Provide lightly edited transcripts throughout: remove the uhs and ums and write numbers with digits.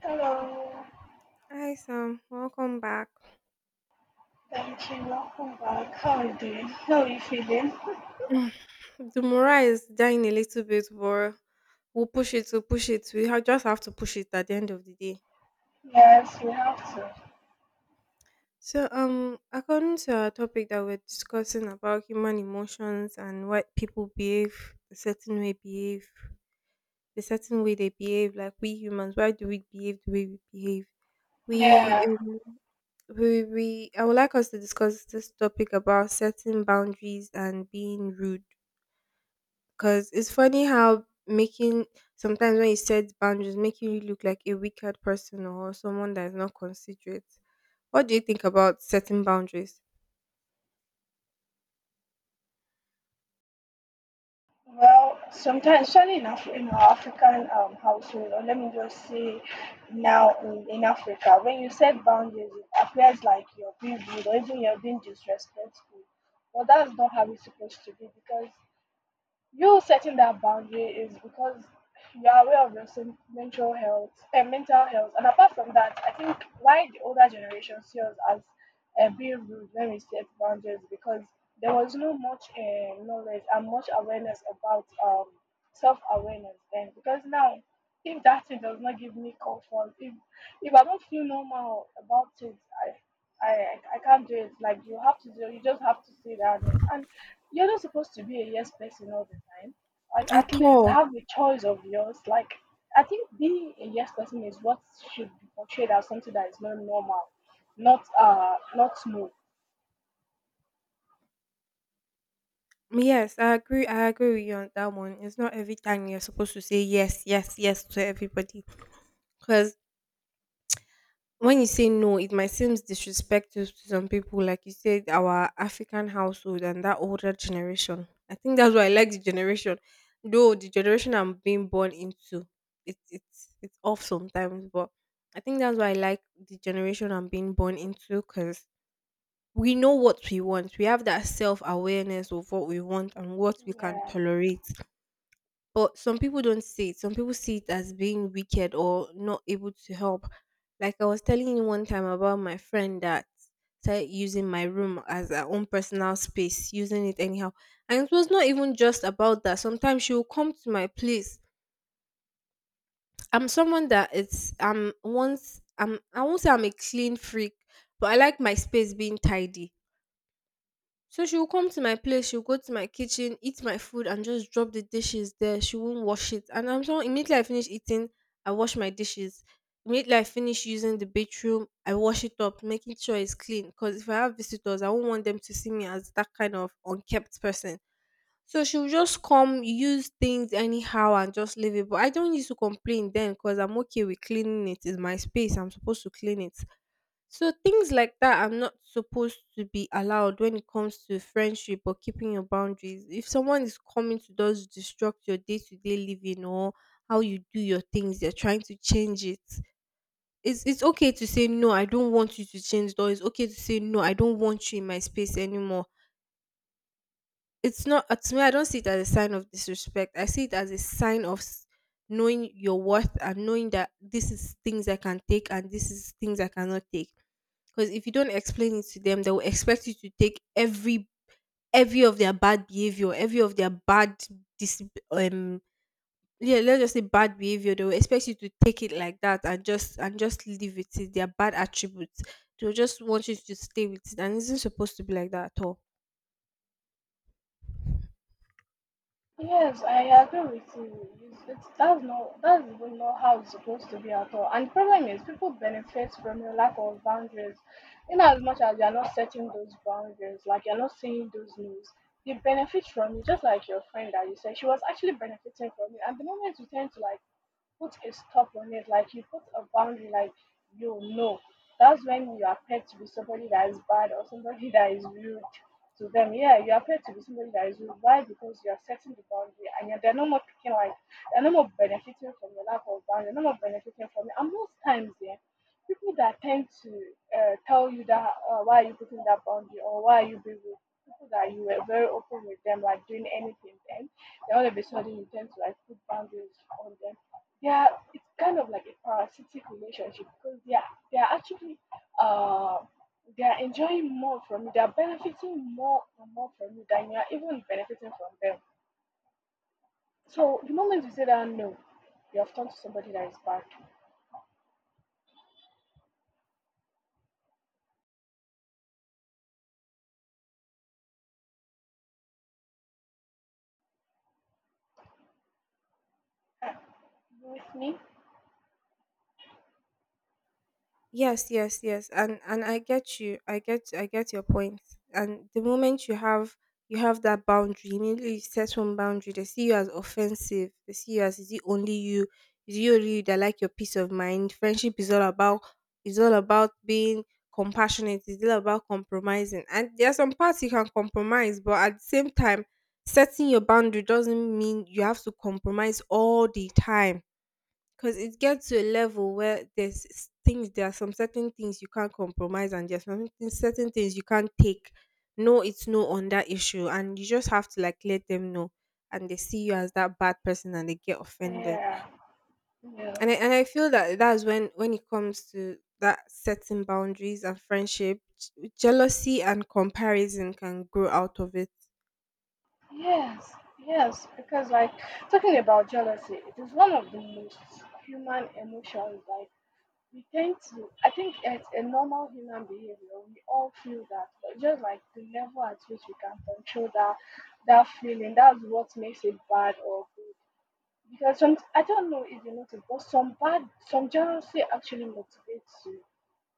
Hello, Hi Sam, welcome back. thank you. Welcome back. How are you doing? How are you feeling? The morale is dying a little bit, but we'll push it. Just have to push it at the end of the day. Yes, we have to. According to our topic that we're discussing about human emotions and why people behave a certain way, behave the certain way they behave, like we humans, why do we behave the way we behave? We, Yeah. um, we, we. I would like us to discuss this topic about setting boundaries and being rude. Cause it's funny how making sometimes when you set boundaries make you look like a wicked person or someone that is not considerate. What do you think about setting boundaries? Well, sometimes, especially in our African household, or let me just say now in Africa, when you set boundaries, it appears like you're being rude or even you're being disrespectful. But that's not how it's supposed to be because you setting that boundary is because you are aware of your mental health. And apart from that, I think why the older generation see us as being rude when we set boundaries because there was no much knowledge and much awareness about self awareness then. Because now, if that thing does not give me comfort, if I don't feel normal about it, I can't do it. Like you just have to say that no. And you're not supposed to be a yes person all the time. Like at At least all. have a choice of yours. Like I think being a yes person is what should be portrayed as something that is not normal, not not smooth. Yes, I agree. I agree with you on that one. It's not every time you're supposed to say yes, yes, yes to everybody. Because when you say no, it might seem disrespectful to some people, like you said, our African household and that older generation. I think that's why I like the generation, though the generation I'm being born into, it's off sometimes, but I think that's why I like the generation I'm being born into because we know what we want. We have that self awareness of what we want and what we can Yeah. tolerate. But some people don't see it. Some people see it as being wicked or not able to help. Like I was telling you one time about my friend that started using my room as her own personal space, using it anyhow. And it was not even just about that. Sometimes she will come to my place. I'm someone that it's once I won't say I'm a clean freak, but I like my space being tidy. So she will come to my place, she'll go to my kitchen, eat my food, and just drop the dishes there. She won't wash it. And I'm so immediately I finish eating, I wash my dishes. Immediately I finish using the bathroom, I wash it up, making sure it's clean. Because if I have visitors, I won't want them to see me as that kind of unkept person. So she'll just come, use things anyhow, and just leave it. But I don't need to complain then because I'm okay with cleaning it. It's my space. I'm supposed to clean it. So things like that are not supposed to be allowed when it comes to friendship or keeping your boundaries. If someone is coming to just disrupt your day to day living or how you do your things, they're trying to change it. It's okay to say no, I don't want you to change, or it's okay to say no, I don't want you in my space anymore. It's not To me, I don't see it as a sign of disrespect. I see it as a sign of s- Knowing your worth and knowing that this is things I can take and this is things I cannot take, because if you don't explain it to them, they will expect you to take every of their bad behavior, every of their bad dis- um yeah, let's just say bad behavior. They will expect you to take it like that, and just leave it. It's their bad attributes. They'll just want you to stay with it, and it isn't supposed to be like that at all. Yes, I agree with you. That's even not how it's supposed to be at all. And the problem is people benefit from your lack of boundaries. In as much as you're not setting those boundaries, like you're not seeing those news, they benefit from you just like your friend that you said she was actually benefiting from you. And the moment you tend to like put a stop on it, like you put a boundary, like you know, that's when you are paired to be somebody that is bad or somebody that is rude to them. Yeah, you are paired to be somebody that is rude. Why? Because you are setting the boundary and they're no more picking, like they're no more benefiting from your lack of boundary, they're no more benefiting from it. And most times, yeah, people that tend to tell you that why are you putting that boundary or why are you being rude, people that you were very open with them like doing anything, then all of a sudden you tend to like put boundaries on them. Yeah, it's kind of like a parasitic relationship because they are actually uh they are enjoying more from you, they are benefiting more and more from you than you are even benefiting from them. So the moment you say that no, you have turned to somebody that is bad. Uh, you with me? Yes, yes, yes. And I get you. I get your point. And the moment you have that boundary, immediately you set one boundary, they see you as offensive. They see you as, is it only you? Is it only you that like your peace of mind? Friendship is all about, being compassionate, it's all about compromising. And there are some parts you can compromise, but at the same time, setting your boundary doesn't mean you have to compromise all the time, because it gets to a level where there are some certain things you can't compromise, and there's certain things you can't take. No, it's no on that issue, and you just have to like let them know, and they see you as that bad person, and they get offended. Yeah. Yes. And I feel that that's when it comes to that setting boundaries and friendship, jealousy and comparison can grow out of it. Yes. Yes. Because like talking about jealousy, it is one of the most human emotions. Like we tend to I think it's a normal human behavior, we all feel that, but just like the level at which we can control that feeling, that's what makes it bad or good. Because some I don't know if you notice, but some jealousy actually motivates you,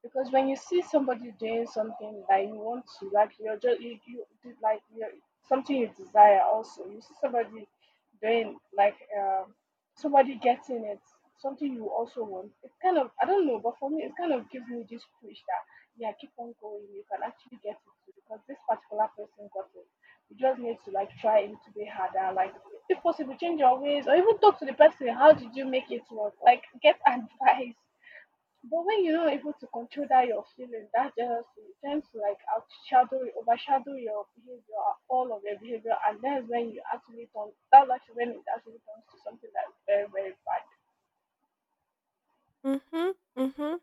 because when you see somebody doing something that you want to, like, you're just you, you do like you're, something you desire, also you see somebody doing like somebody getting it, something you also want. It's kind of, I don't know, but for me it kind of gives me this push that, yeah, keep on going, you can actually get it too, because this particular person got it. You just need to like try a little bit harder, like if possible change your ways or even talk to the person, how did you make it work, like get advice. But when you're not able to control that your feeling, that jealousy, it tends to like overshadow your behavior, all of your behavior, and that's when you actually turn. That's actually when it actually turns to something that's very, very bad. Mhm. Mhm.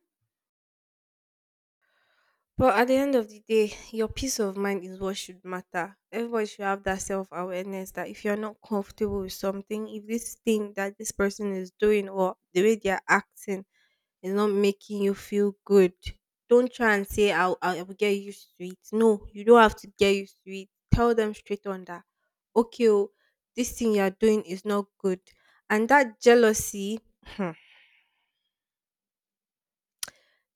But at the end of the day, your peace of mind is what should matter. Everybody should have that self awareness that if you're not comfortable with something, if this thing that this person is doing or the way they're acting is not making you feel good, don't try and say, I'll get used to it. No, you don't have to get used to it. Tell them straight on that, okay, oh, this thing you're doing is not good. And that jealousy, hmm,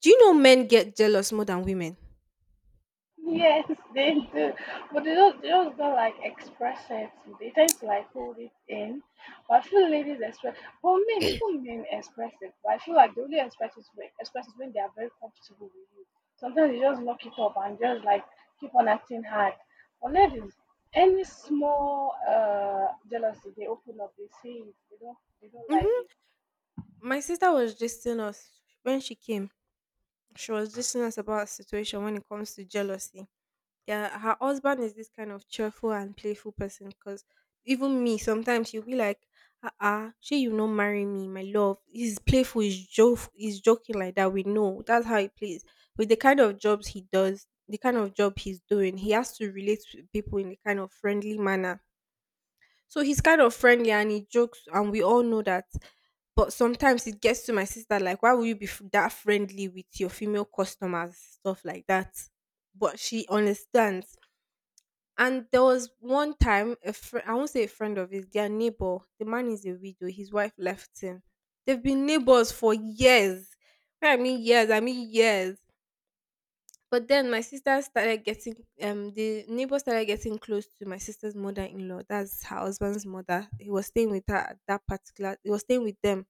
do you know men get jealous more than women? Yes, they do. But they just don't like express it. They tend to like hold it in. But I feel ladies express, but men, even men express it. But I feel like they only express it, express it when they are very comfortable with you. Sometimes they just lock it up and just like keep on acting hard. But ladies, any small jealousy, they open up, they see it, they don't like it. My sister was dissing us when she came. She was dissing us about a situation when it comes to jealousy. Yeah, her husband is this kind of cheerful and playful person because even me, sometimes you'll be like, she you not marry me, my love. He's playful, he's joking like that. We know that's how he plays. With the kind of jobs he does, the kind of job he's doing, he has to relate to people in a kind of friendly manner. So he's kind of friendly and he jokes, and we all know that. But sometimes it gets to my sister like, why will you be that friendly with your female customers? Stuff like that. But she understands. And there was one time, I won't say a friend of his, their neighbor, the man is a widow, his wife left him. They've been neighbors for years. When I mean years, I mean years. But then my sister started getting, the neighbor started getting close to my sister's mother in law. That's her husband's mother. He was staying with her at that particular, he was staying with them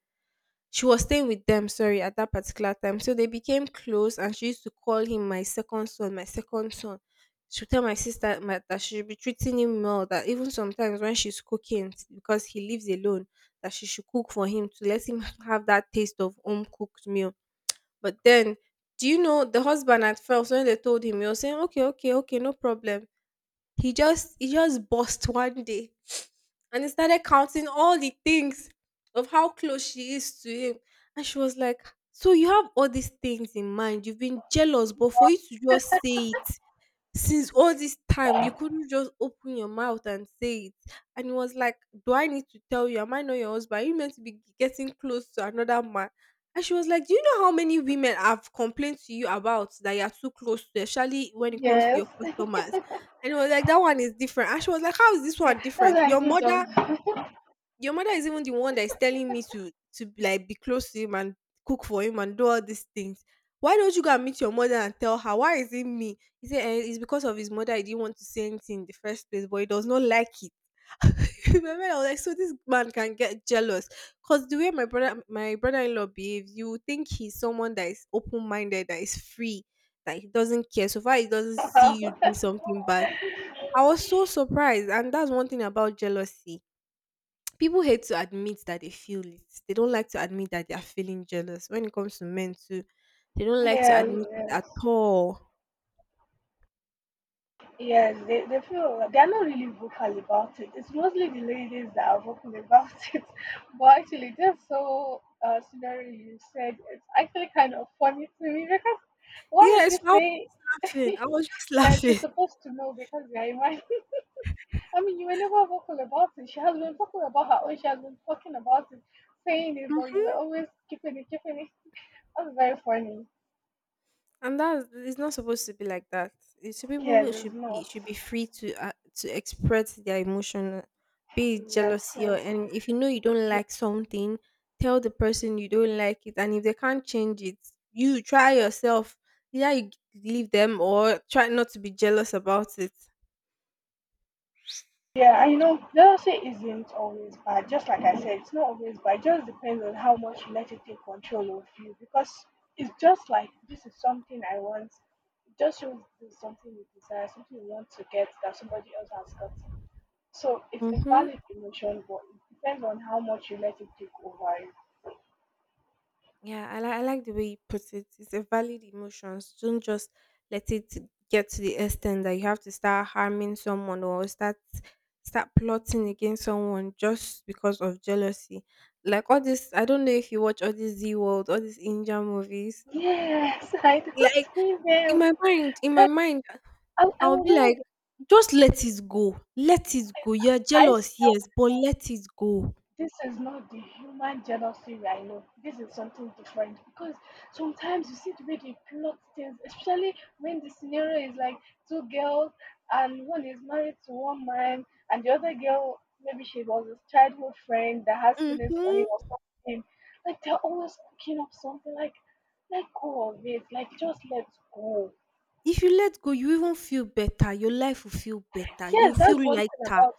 She was staying with them, sorry, at that particular time, so they became close, and she used to call him my second son, my second son. She would tell my sister, that she should be treating him well, that even sometimes when she's cooking, because he lives alone, that she should cook for him to let him have that taste of home cooked meal. But then, do you know the husband at first when they told him he was saying okay, okay, okay, no problem. He just burst one day, and he started counting all the things of how close she is to him. And she was like, "So you have all these things in mind. You've been jealous, but for you to just say it since all this time, you couldn't just open your mouth and say it." And he was like, "Do I need to tell you? Am I not your husband? Are you meant to be getting close to another man?" And she was like, "Do you know how many women have complained to you about that you are too close to, especially when it comes to Yes, your customers?" And it was like, "That one is different." And she was like, "How is this one yeah, that's different? why I see some. Your mother is even the one that is telling me to like be close to him and cook for him and do all these things. Why don't you go and meet your mother and tell her? Why is it me?" He said eh, it's because of his mother. He didn't want to say anything in the first place, but he does not like it. Remember, I was like, so this man can get jealous, because the way my brother-in-law behaves, you would think he's someone that is open-minded, that is free, that he doesn't care. So far, he doesn't see you doing something bad. I was so surprised, and that's one thing about jealousy, people hate to admit that they feel it. They don't like to admit that they are feeling jealous. When it comes to men too, they don't like to Yes, admit it at yes. all. Yes, they feel like they're not really vocal about it. It's mostly the ladies that are vocal about it. But actually, this scenario you said, it's actually kind of funny to me because why would Yes, you I was say laughing. I was just and laughing. she's supposed to know because they are married? I mean, you were never vocal about it. She has been vocal about her own. She has been talking about it, saying it, but you Mhm. were always keeping it, keeping it. That's very funny. And that it's not supposed to be like that. Yes, People it's not. should be free to express their emotion, be it Yes, jealousy or, yes. and if you know you don't like something, tell the person you don't like it, and if they can't change it, you try yourself. Either you leave them or try not to be jealous about it. Yeah, I know. Jealousy isn't always bad. Just like I said, it's not always bad. It just depends on how much you let it take control of you. Because it's just like, this is something I want. It just shows there's something you desire, something you want to get that somebody else has got. So it's a Mm-hmm. valid emotion, but it depends on how much you let it take over you. Yeah, I like the way you put it. It's a valid emotions. Don't just let it get to the extent that you have to start harming someone or start plotting against someone just because of jealousy. Like all this, I don't know if you watch all these Z World, all these Indian movies. Yes, I do Like see in them. my mind, in my mind, I I'll was be like, always, just let it go, let it go. You're I used to jealous, tell yes, but myself, let it go. this is not the human jealousy we I know. This is something different, because sometimes you see the way they plot things, especially when the scenario is like two girls, and one is married to one man, and the other girl, maybe she was his childhood friend that has feelings for him or Mm-hmm. something. Like they're always cooking up something, like let go of it, like just let go. If you let go, you even feel better. Your life will feel better. You Yes, feel that's one thing lighter. about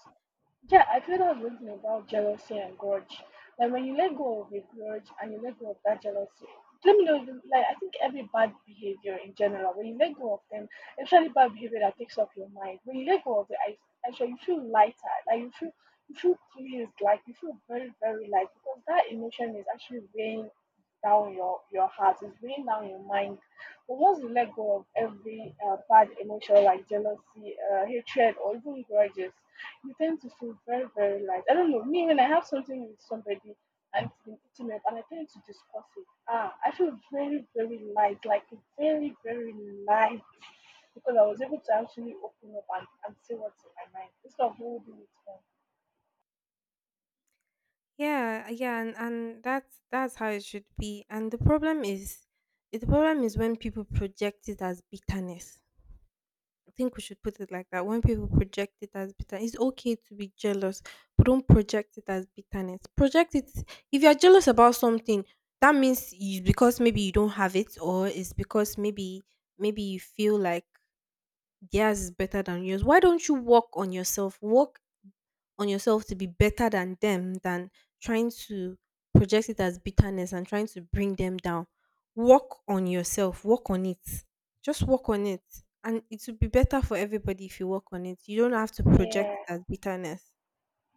Yeah, I feel that's one thing about jealousy and grudge. Like when you let go of a grudge and you let go of that jealousy, let me know. Like I think every bad behavior in general, when you let go of them, especially bad behavior that takes up your mind, when you let go of it, I actually you feel lighter. Like you feel pleased. Like you feel very very light, because that emotion is actually weighing down your heart. It's weighing down your mind. But once you let go of every bad emotion like jealousy, hatred, or even grudges, you tend to feel very, very light. I don't know. Me, when I have something with somebody and it's been eating me up and I tend to discuss it, I feel very, very light, like very, very light, because I was able to actually open up and say what's in my mind instead of holding it Yeah, yeah, and that's how it should be. And the problem is when people project it as bitterness. I think we should put it like that. When people project it as bitter, it's okay to be jealous, but don't project it as bitterness. Project it if you're jealous about something, that means you because maybe you don't have it or it's because maybe you feel like theirs is better than yours. Why don't you work on yourself? Work on yourself to be better than them than trying to project it as bitterness and trying to bring them down. Work on yourself, work on it. Just work on it. And it will be better for everybody if you work on it. You don't have to project on. it as bitterness.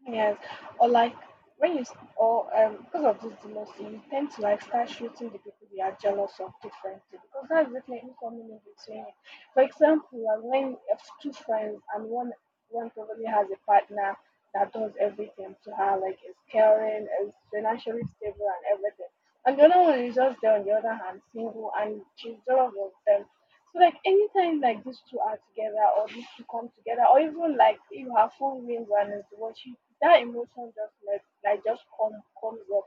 Yes, or like when you s- or because of this jealousy, you tend to like start shooting the people you are jealous of differently, because that's definitely coming in between. For example, like when you have two friends, and one probably has a partner that does everything to her, like is caring, is financially stable, and everything, and the other one is just there on the other hand, single, and she's jealous of them. So like anytime, like these two are together or these two come together, or even like if her phone rings and it's what she, that emotion just like, just comes up,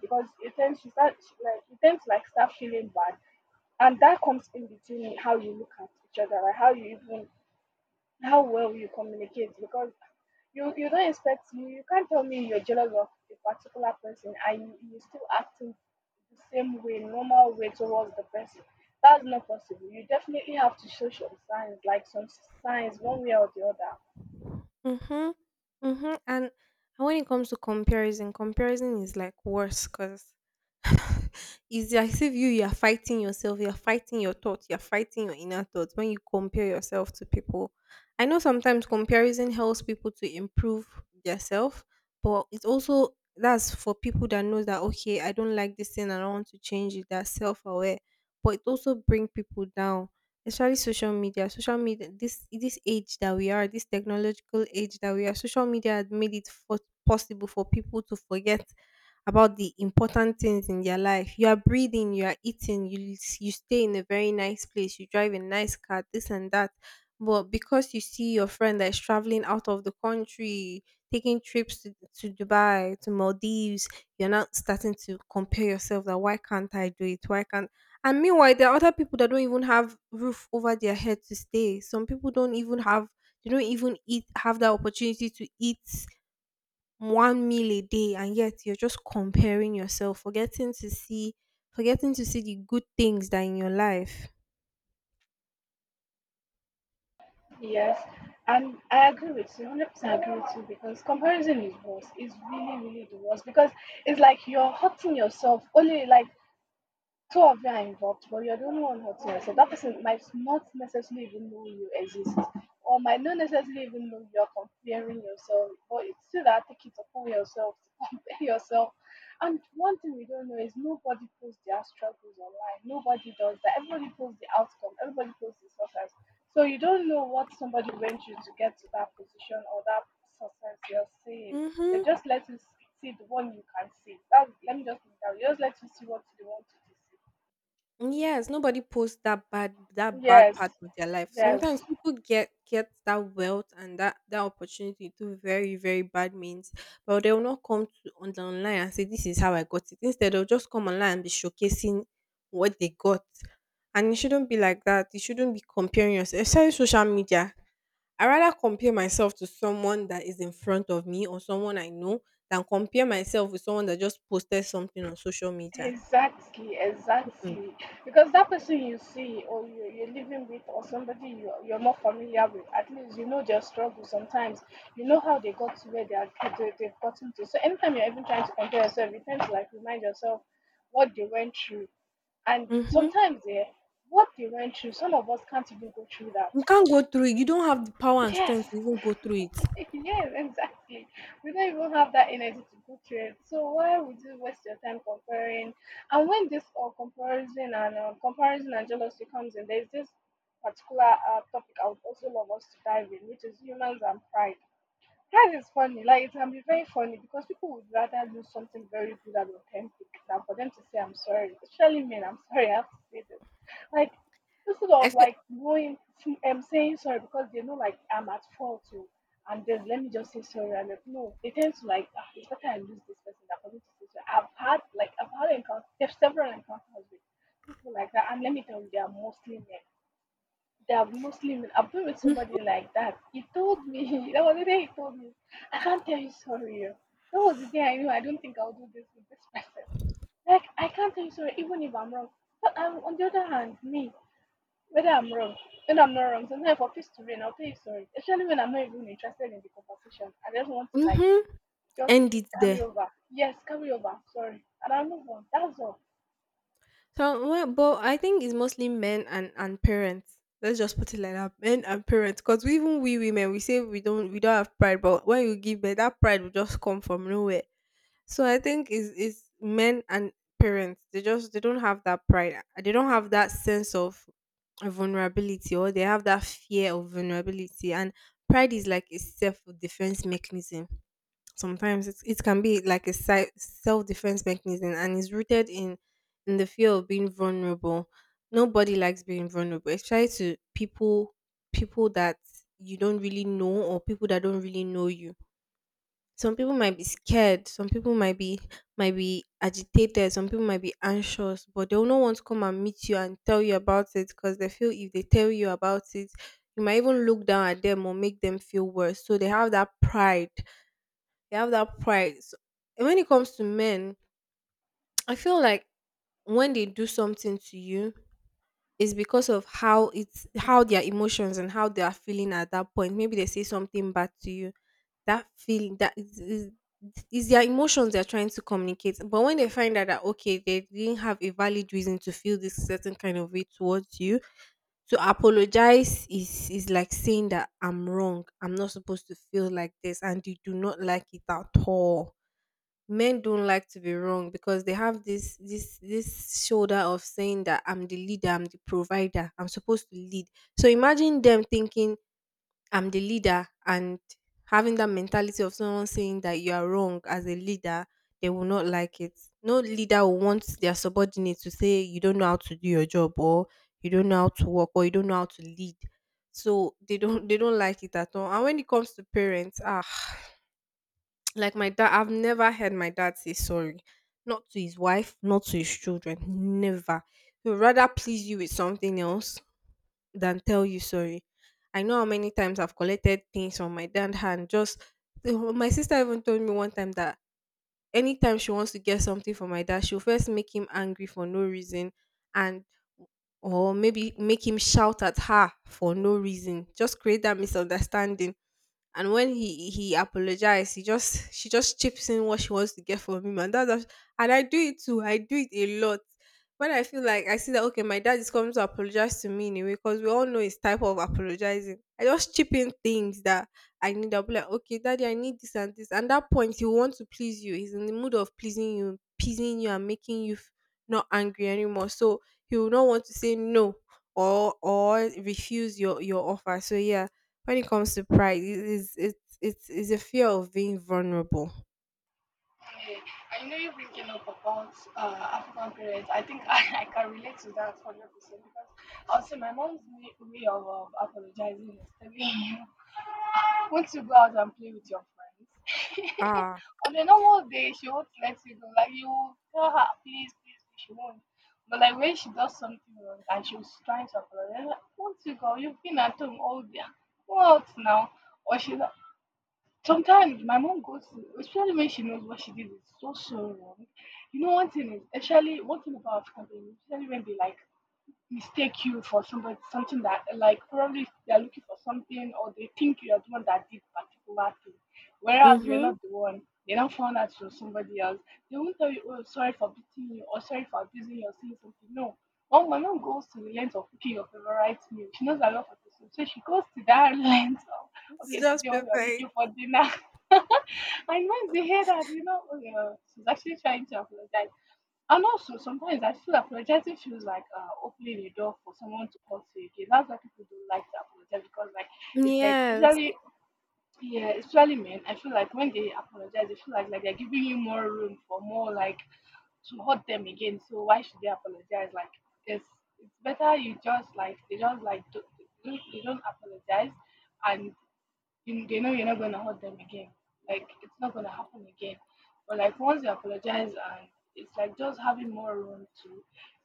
because it tends she start like it tends to, like start feeling bad, and that comes in between how you look at each other, like how well you communicate, because you don't expect you can't tell me you're jealous of a particular person and you still acting the same way, normal way towards the person. That's not possible. You definitely have to show some signs, like some signs, one way or the other. Mm-hmm. Mm-hmm. And when it comes to comparison, comparison is like worse because it's as if you are fighting yourself, you're fighting your thoughts, you're fighting your inner thoughts when you compare yourself to people. I know sometimes comparison helps people to improve themselves, but it's also that's for people that knows that okay, I don't like this thing and I want to change it, that's self aware. But it also bring people down. Especially social media. Social media this age that we are, this technological age that we are, social media had made it for, possible for people to forget about the important things in their life. You are breathing, you are eating, you stay in a very nice place, you drive a nice car, this and that. But because you see your friend that is traveling out of the country, taking trips to Dubai, to Maldives, you're now starting to compare yourself that why can't I do it? Why can't and meanwhile there are other people that don't even have roof over their head to stay. Some people don't even have they don't even eat have that opportunity to eat one meal a day and yet you're just comparing yourself forgetting to see the good things that are in your life. Yes, and I agree with you, 100% agree with you, because comparison is worse. It's really, really the worst, because it's like you're hurting yourself. Only like two of you are involved, but you're the only one hurting yourself. That person might not necessarily even know you exist, or might not necessarily even know you're comparing yourself. But it's still that take it upon yourself to compare yourself. And one thing we don't know is nobody posts their struggles online. Nobody does that. Everybody posts the outcome. Everybody posts the success. So you don't know what somebody went through to get to that position or that success you're seeing. They Mm-hmm. just let you see the one you can see. That, let me just put it that way. They just let you see what you want you to see. Yes, nobody posts that bad Yes. part of their life. Sometimes Yes. people get that wealth and that opportunity through very, very bad means, but they will not come to on the online and say this is how I got it. Instead they'll just come online and be showcasing what they got, and it shouldn't be like that. You shouldn't be comparing yourself. Especially social media. I rather compare myself to someone that is in front of me or someone I know than compare myself with someone that just posted something on social media. Exactly, Mm. exactly. Because that person you see or you're living with or somebody you're not familiar with, at least you know their struggle sometimes. You know how they got to where they are, they've gotten to. So anytime you're even trying to compare yourself, you tend to like remind yourself what they went through. And Mhm. sometimes, yeah, what they went through, some of us can't even go through that. You can't go through it. You don't have the power and strength Yes, to even go through it. yes, exactly. We don't even have that energy to go through it. So why would you waste your time comparing? And when this or comparison and comparison and jealousy comes in, there's this particular topic I would also love us to dive in, which is humans and pride. That is funny. Like it can be very funny because people would rather do something very good and authentic than for them to say I'm sorry. Especially men, I'm sorry, I have to say this. Like instead I of feel. like going I'm saying sorry because they know like I'm at fault too. And there's let me just say sorry and like, no, they tend to like "Ah, it's better I lose this person than for me to say sorry. I've had encounters, several encounters with people like that, and let me tell you they are mostly men. They're Muslim. I've been with somebody like that. He told me, that was the day he told me, I can't tell you sorry. Oh." That was the day I knew I don't think I'll do this with this person. Like I can't tell you sorry, even if I'm wrong. But I'm on the other hand, me, whether I'm wrong, when I'm not wrong, sometimes for peace to reign, I'll tell you sorry. Especially when I'm not even interested in the conversation. I just want to like Mhm. just End it there. carry over. Yes, carry over. Sorry, and I move on. That's all. So, well, but I think it's mostly men and parents. Let's just put it like that, men and parents. Because even we women, we say we don't have pride, but when you give birth, that pride will just come from nowhere. So I think is men and parents, they just they don't have that pride. They don't have that sense of vulnerability or they have that fear of vulnerability, and pride is like a self defense mechanism. Sometimes it can be like a self defense mechanism and is rooted in the fear of being vulnerable. Nobody likes being vulnerable, especially to people people that you don't really know or people that don't really know you. Some people might be scared, some people might be agitated, some people might be anxious, but they'll not want to come and meet you and tell you about it because they feel if they tell you about it, you might even look down at them or make them feel worse. So they have that pride. They have that pride. So, and when it comes to men, I feel like when they do something to you, it's because of how it's how their emotions and how they are feeling at that point. Maybe they say something bad to you. That feeling that is their emotions they're trying to communicate, but when they find out that okay, they didn't have a valid reason to feel this certain kind of way towards you, to apologize is like saying that I'm wrong, I'm not supposed to feel like this, and you do not like it at all. Men don't like to be wrong because they have this shoulder of saying that I'm the leader, I'm the provider, I'm supposed to lead. So imagine them thinking I'm the leader, and having that mentality of someone saying that you are wrong as a leader, they will not like it. No leader will want their subordinate to say you don't know how to do your job or you don't know how to work or you don't know how to lead. So they don't like it at all. And when it comes to parents, ah, like my dad, I've never heard my dad say sorry. Not to his wife, not to his children. Never. He would rather please you with something else than tell you sorry. I know how many times I've collected things from my dad's hand. Just my sister even told me one time that anytime she wants to get something from my dad, she'll first make him angry for no reason, and or maybe make him shout at her for no reason. Just create that misunderstanding. And when he apologized, he just she just chips in what she wants to get from him, and that's and I do it too. I do it a lot. When I feel like I see that okay, my dad is coming to apologize to me in a way because we all know his type of apologizing. I just chip in things that I need. I'll be like, okay, daddy, I need this and this. And that point, he wants to please you. He's in the mood of pleasing you, and making you not angry anymore. So he will not want to say no or or refuse your offer. So yeah, when it comes to pride, it is it's a fear of being vulnerable. Hey, I know you are been up about African parents. I think I, I can relate to that 100% because I'll say my mom's way of apologizing is telling you, won't you go out and play with your friends? Ah, On a normal day, she won't let you go. Like, you tell her, please, please, please, she won't. But like when she does something wrong and she was trying to apologize, like, won't you go? You've been at home all day. Go out now. Or she's like, sometimes my mom goes to, especially when she knows what she did is so so wrong. You know, one thing is actually one thing about African parents, especially when they like mistake you for somebody, something that like probably they're looking for something or they think you're the one that did particular thing, whereas you're mm-hmm. not the one, they now found out you're somebody else, they won't tell you, oh, sorry for beating you or sorry for abusing you or saying something. No, one woman goes to the length of cooking your favorite meal. She knows a lot of people, so she goes to that length of okay, It's just today we are perfect. making for dinner. And once they hear that, you know, oh, yeah, she's actually trying to apologize. And also, sometimes I feel apologizing feels like opening a door for someone to hurt you again. That's why people don't like to apologize because, like, it's like Yes. usually, yeah, especially men. I feel like when they apologize, they feel like they're giving you more room for more like to hurt them again. So why should they apologize? Like, it's it's better you just like they just like they don't apologize, and you, they know you're not gonna hurt them again. Like it's not gonna happen again. But like once you apologize, and it's like just having more room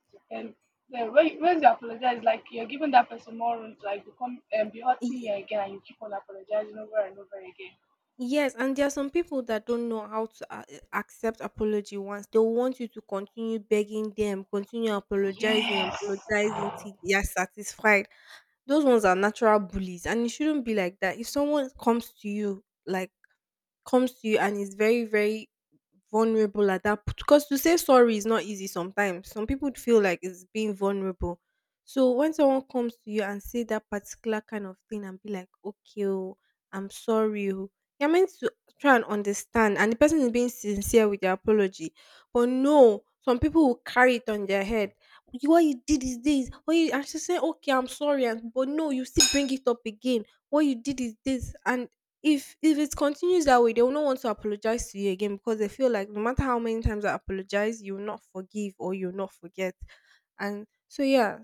to then when once you apologize, like you're giving that person more room to like become and be hurting Y- you again and you keep on apologizing over and over again. Yes, and there are some people that don't know how to accept apology once. They want you to continue begging them, continue apologizing, Yes. apologizing till they are satisfied. Those ones are natural bullies, and it shouldn't be like that. If someone comes to you, like comes to you, and is very, very vulnerable at that, because to say sorry is not easy sometimes. Some people feel like it's being vulnerable. So when someone comes to you and say that particular kind of thing and be like, okay, oh, I'm sorry, oh," you're meant to try and understand, and the person is being sincere with their apology. But no, some people will carry it on their head. "You- What you did is this. What you and she say, okay, I'm sorry, and but no, you still bring it up again. What you did is this, and if it continues that way, they will not want to apologize to you again because they feel like no matter how many times I apologize, you will not forgive or you'll not forget. And so yeah,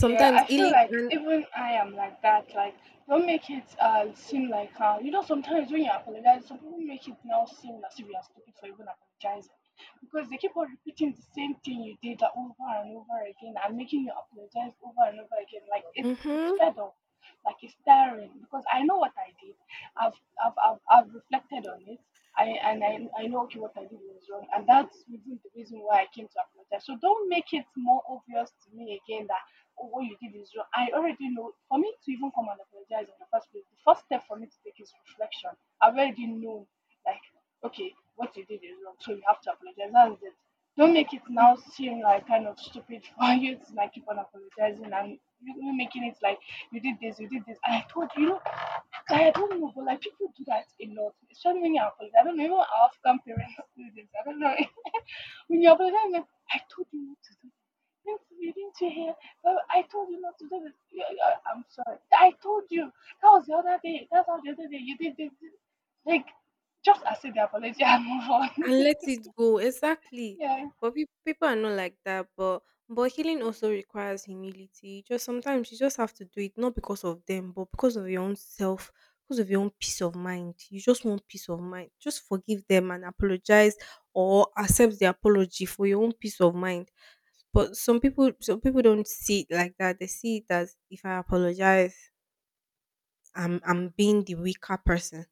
Yeah, I feel healing. like even I am like that. Like, don't make it seem like you know, sometimes when you apologize, some people make it now seem as if you are stupid for even apologizing because they keep on repeating the same thing you did over and over again and making you apologize over and over again. Like it's Mhm. fed up, like it's tiring because I know what I did. I've I've I've, I've reflected on it. I know okay what I did was wrong and that's even the reason why I came to apologize. So don't make it more obvious to me again that oh, what you did is wrong. I already know. For me to even come and apologize in the first place, the first step for me to take is reflection. I already know, like, okay, what you did is wrong, so you have to apologize. That's it. Don't make it now seem like kind of stupid for you to like keep on apologizing and you making it like you did this, you did this. And I told you, you know, I don't know, but like people do that a lot, especially when you apologize. I don't know, even our African parents do this. I don't know. When you apologize, like, I told you not to do. Yes, you didn't hear. But I told you not to do this. Yeah, yeah, I'm sorry. I told you. That was the other day. That's how the other day you did this. Like, just accept the apology and move on. And let it go, exactly. Yeah. But people are not like that, but healing also requires humility. Just sometimes you just have to do it, not because of them but because of your own self, because of your own peace of mind. You just want peace of mind, just forgive them and apologize or accept the apology for your own peace of mind. But some people, some people don't see it like that. They see it as if I apologize, I'm being the weaker person.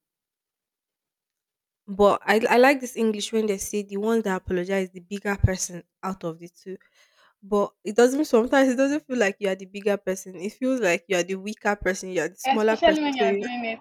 But I like this English when they say the one that apologize is the bigger person out of the two. But it doesn't sometimes it doesn't feel like you are the bigger person. It feels like you are the weaker person, you are the smaller Especially person. when So you're doing it.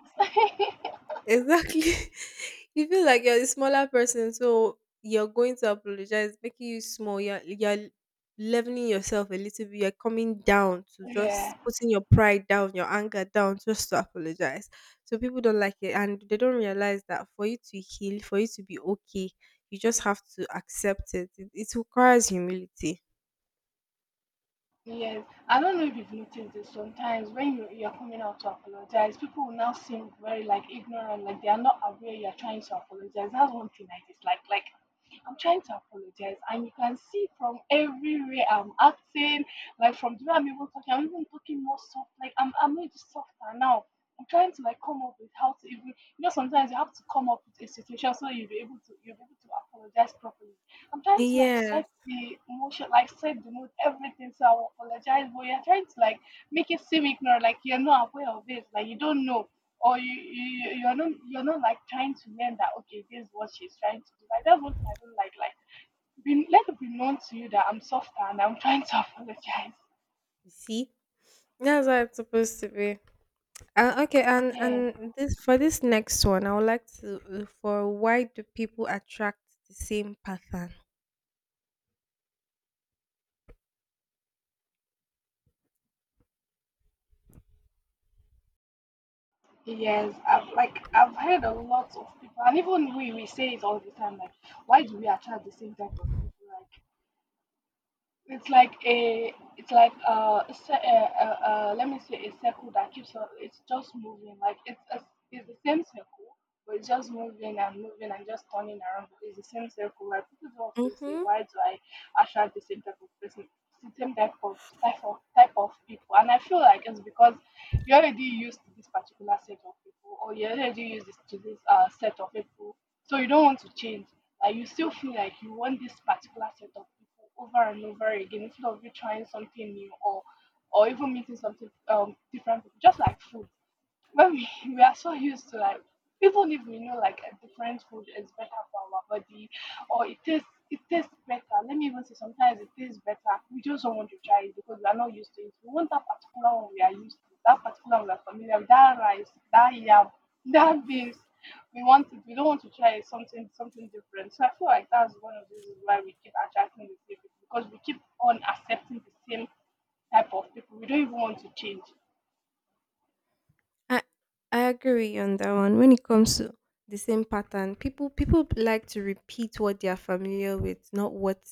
exactly. You feel like you're the smaller person, so you're going to apologize, making you small. You're leveling yourself a little bit. You're coming down to just Yeah. putting your pride down, your anger down, just to apologize. So people don't like it, and they don't realize that for you to heal, for you to be okay, you just have to accept it. It requires humility. Yes, I don't know if you've noticed this. Sometimes when you're coming out to apologize, people will now seem very like ignorant, like they are not aware you're trying to apologize. That's one thing I dislike. Like I'm trying to apologize, and you can see from everywhere I'm acting, like from the way I'm even talking more soft. Like I'm really softer now. I'm trying to like come up with how to even you know, sometimes you have to come up with a situation so you'll be able to apologize properly. I'm trying to like Yeah. set the emotion, like set the mood, everything. So I will apologize, but you're trying to like make it seem ignorant, like you're not aware of this, like you don't know, or you're not like trying to learn that okay, this is what she's trying to do. Like that's what I don't like. Like be, let it be known to you that I'm softer and I'm trying to apologize. You see, that's how it's supposed to be. Uh, okay, and Yeah, and this for this next one, I would like to for why do people attract the same pattern? yes. I've heard a lot of people, and even we say it all the time. Like, why do we attract the same type of people? It's like let me say a circle that keeps on. It's just moving. Like it's the same circle, but it's just moving and moving and just turning around. But it's the same circle. Like people do often say, Mhm. why do I attract the same type of person, the same type of people? And I feel like it's because you're already used to this particular set of people, or you're already used to this set of people, so you don't want to change. Like you still feel like you want this particular set of people over and over again instead of you trying something new or even meeting something different people. Just like food, when we, we are so used to like even if we know like a different food is better for our body or it tastes better, let me even say sometimes it tastes better, we just don't want to try it because we are not used to it. We want that particular one. We are used to that particular one. We are familiar with that rice, that yam, that beans, we want it. We don't want to try something different. So I feel like that's one of the reasons why we keep attracting the same people, because we keep on accepting the same type of people. We don't even want to change. I I agree on that one. When it comes to the same pattern, people like to repeat what they are familiar with, not what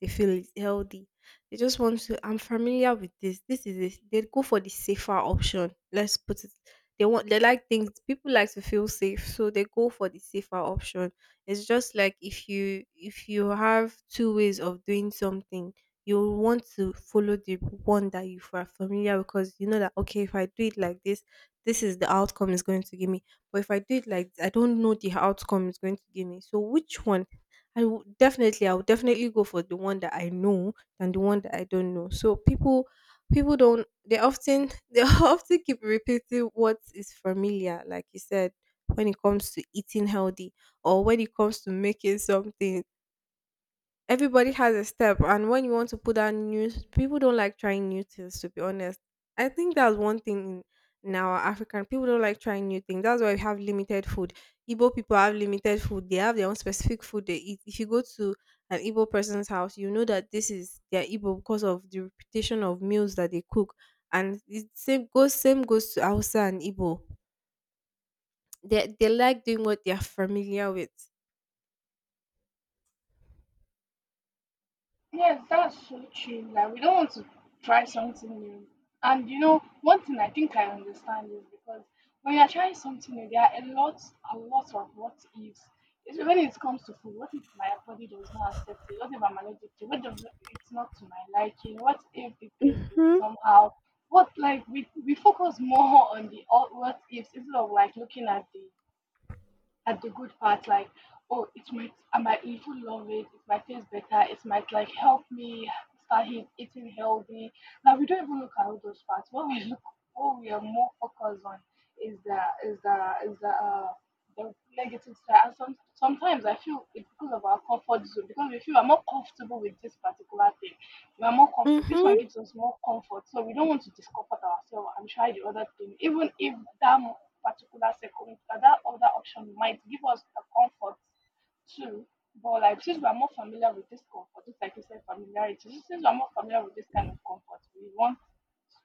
they feel is healthy. They just want to. I'm familiar with this. This is it. They go for the safer option. Let's put it. They want. They like things. People like to feel safe, so they go for the safer option. It's just like if you have two ways of doing something, you want to follow the one that you are familiar with because you know that okay, if I do it like this is the outcome it's going to give me. But if I do it like this, I don't know the outcome it's going to give me. So which one? I would definitely go for the one that I know than the one that I don't know. So people, people don't. They often, they often keep repeating what is familiar, like you said, when it comes to eating healthy or when it comes to making something everybody has a step, and when you want to put out new, people don't like trying new things, to be honest. I think that's one thing in our African, people don't like trying new things. That's why we have limited food. Igbo people have limited food. They have their own specific food they eat. If you go to an Igbo person's house, you know that this is their Igbo because of the repetition of meals that they cook. And it same goes to Hausa and Igbo. They like doing what they are familiar with. Yes, that's so true. Like we don't want to try something new. And you know, one thing I think I understand is because when you're trying something new, there are a lot of what ifs. It's when it comes to food, what if my body does not accept it? What if I'm allergic to it? What if it's not to my liking? What if the taste is Mm-hmm. somehow? What like we focus more on the all what ifs instead of like looking at the good part, like oh, it might, I might even love it, it might taste better, it might like help me start he- eating healthy. Now we don't even look at all those parts. What we look, what we are more focused on is the is the negative side. And some, sometimes I feel it's because of our comfort zone, because we feel we're more comfortable with this particular thing. We're more comfortable. This one Hmm. gives us more comfort, so we don't want to discomfort ourselves and try the other thing, even if that mo- particular second, that other option might give us the comfort too. But like since we're more familiar with this comfort, just like you said, familiarity. Since we're more familiar with this kind of comfort,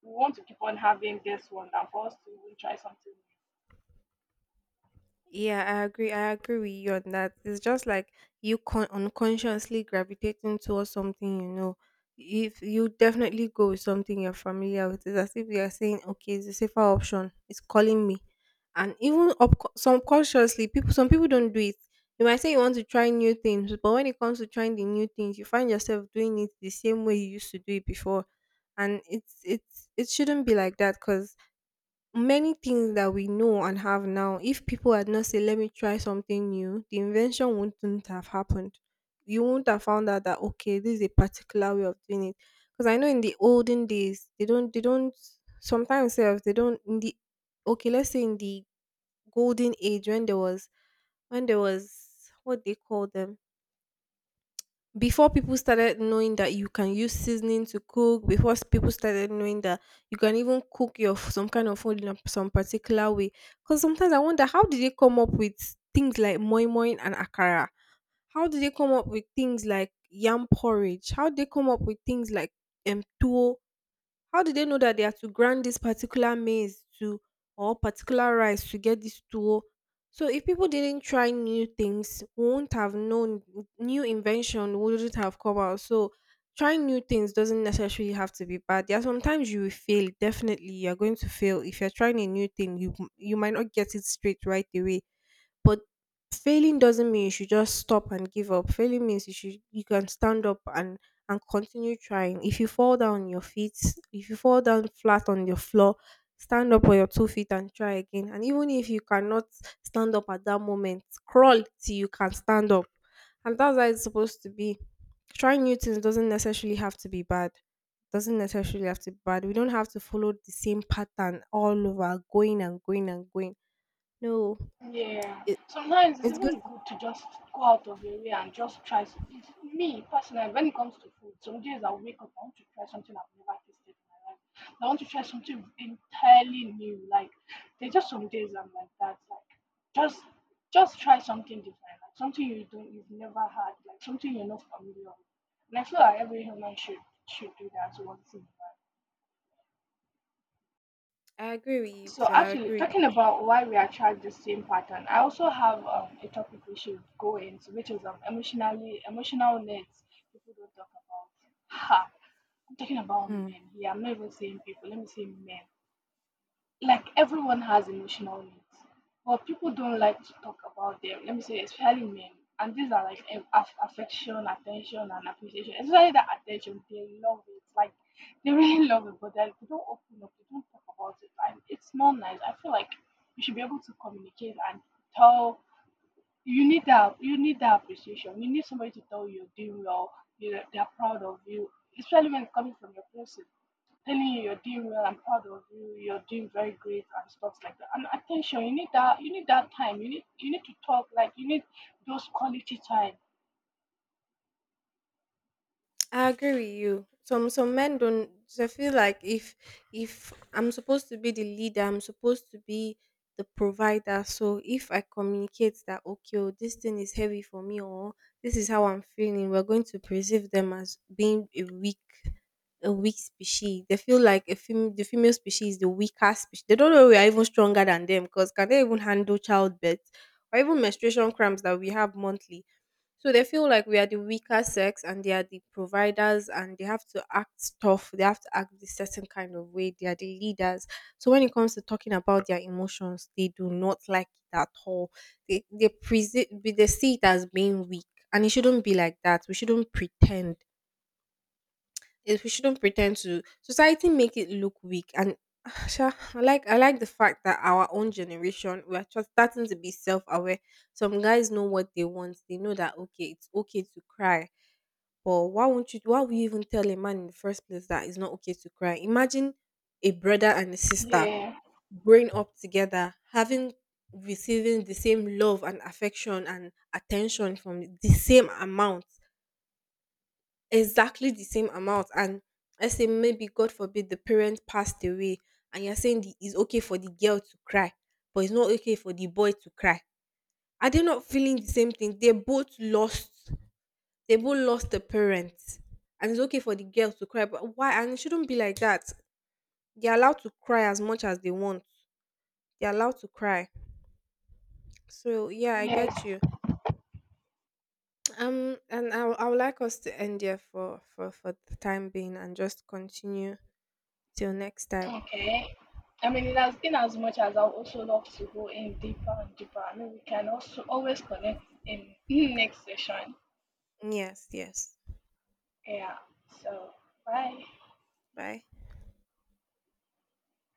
we want to keep on having this one and for us to even try something new. Yeah, I agree. I agree with you on that. It's just like you unconsciously gravitating towards something you know. If you definitely go with something you're familiar with, it's as if you're saying, "Okay, it's a safer option. It's calling me." And even up subconsciously, people, some people don't do it. You might say you want to try new things, but when it comes to trying the new things, you find yourself doing it the same way you used to do it before, and it shouldn't be like that because many things that we know and have now, if people had not said, let me try something new, the invention wouldn't have happened. You wouldn't have found out that, okay, this is a particular way of doing it. Because I know in the olden days, they don't, sometimes sef, they don't, in the, okay, let's say in the golden age when there was, what they call them, before people started knowing that you can use seasoning to cook, before people started knowing that you can even cook your some kind of food in a, some particular way, because sometimes I wonder, how did they come up with things like moi moi and akara? How did they come up with things like yam porridge? How did they come up with things like tuwo? How did they know that they are to grind this particular maize to or particular rice to get this tuwo? So if people didn't try new things, we won't have known, new invention wouldn't have come out. So trying new things doesn't necessarily have to be bad. There are sometimes you will fail. Definitely, you're going to fail if you're trying a new thing. You might not get it straight right away, but failing doesn't mean you should just stop and give up. Failing means you should, you can stand up and continue trying. If you fall down on your feet, if you fall down flat on your floor, stand up on your 2 feet and try again. And even if you cannot stand up at that moment, crawl till you can stand up. And that's how it's supposed to be. Trying new things doesn't necessarily have to be bad. Doesn't necessarily have to be bad. We don't have to follow the same pattern all over, going and going and going. No, Yeah. it, Sometimes it's it's good. even good to just go out of your way and just try. S- It's me personally, when it comes to food, some days I'll wake up, I want to try something I've never tasted in my life. I want to try something entirely new. Like there's just some days I'm like that. Like just just try something different, like something you don't you've never had, like something you're not familiar with. And I feel like every human should do that once in a while. I agree with you So too. I actually, agree talking with you. about why we attract the same pattern, I also have a topic we should go into, which is emotional needs people don't talk about. Ha! I'm talking about Hmm. men here. I'm not even saying people. Let me say men. Like everyone has emotional needs, but people don't like to talk about them. Let me say, especially men. And these are like affection, attention, and appreciation. Especially that attention, they love it. Like they really love it, but they don't open up. They don't talk about it, and it's not nice. I feel like you should be able to communicate and tell you need that, you need that appreciation, you need somebody to tell you you're doing well, you know, they're proud of you, especially when it's coming from your person telling you you're doing well, I'm proud of you, you're doing very great and stuff like that. And attention, you need that, you need that time, you need to talk, like you need those quality time. I agree with you. Some men don't. I feel like if I'm supposed to be the leader, I'm supposed to be the provider. So if I communicate that okay, oh, this thing is heavy for me, or this is how I'm feeling, we're going to perceive them as being a weak species. They feel like a the female species is the weaker species. They don't know we are even stronger than them, because can they even handle childbirth or even menstruation cramps that we have monthly? So they feel like we are the weaker sex and they are the providers, and they have to act tough. They have to act this certain kind of way. They are the leaders. So when it comes to talking about their emotions, they do not like it at all. They they see it as being weak. And it shouldn't be like that. We shouldn't pretend. If we shouldn't pretend to society, make it look weak, and ah, Sha, I like the fact that our own generation, we are just starting to be self aware. Some guys know what they want. They know that okay, it's okay to cry. But why won't you why would you even tell a man in the first place that it's not okay to cry? Imagine a brother and a sister Yeah, growing up together, having receiving the same love and affection and attention from the same amount, exactly the same amount. And let's say maybe god forbid the parent passed away, and you're saying it's okay for the girl to cry but it's not okay for the boy to cry. Are they not feeling the same thing? They both lost, they both lost the parents. And it's okay for the girl to cry, but why? And it shouldn't be like that. They're allowed to cry as much as they want. They're allowed to cry. So yeah, I yes, get you. I would like us to end here for for the time being and just continue till next time. okay. I mean, it has in as much as I would also love to go in deeper and deeper. I mean, we can also always connect in next session. Yes, yes. Yeah. So, bye. Bye.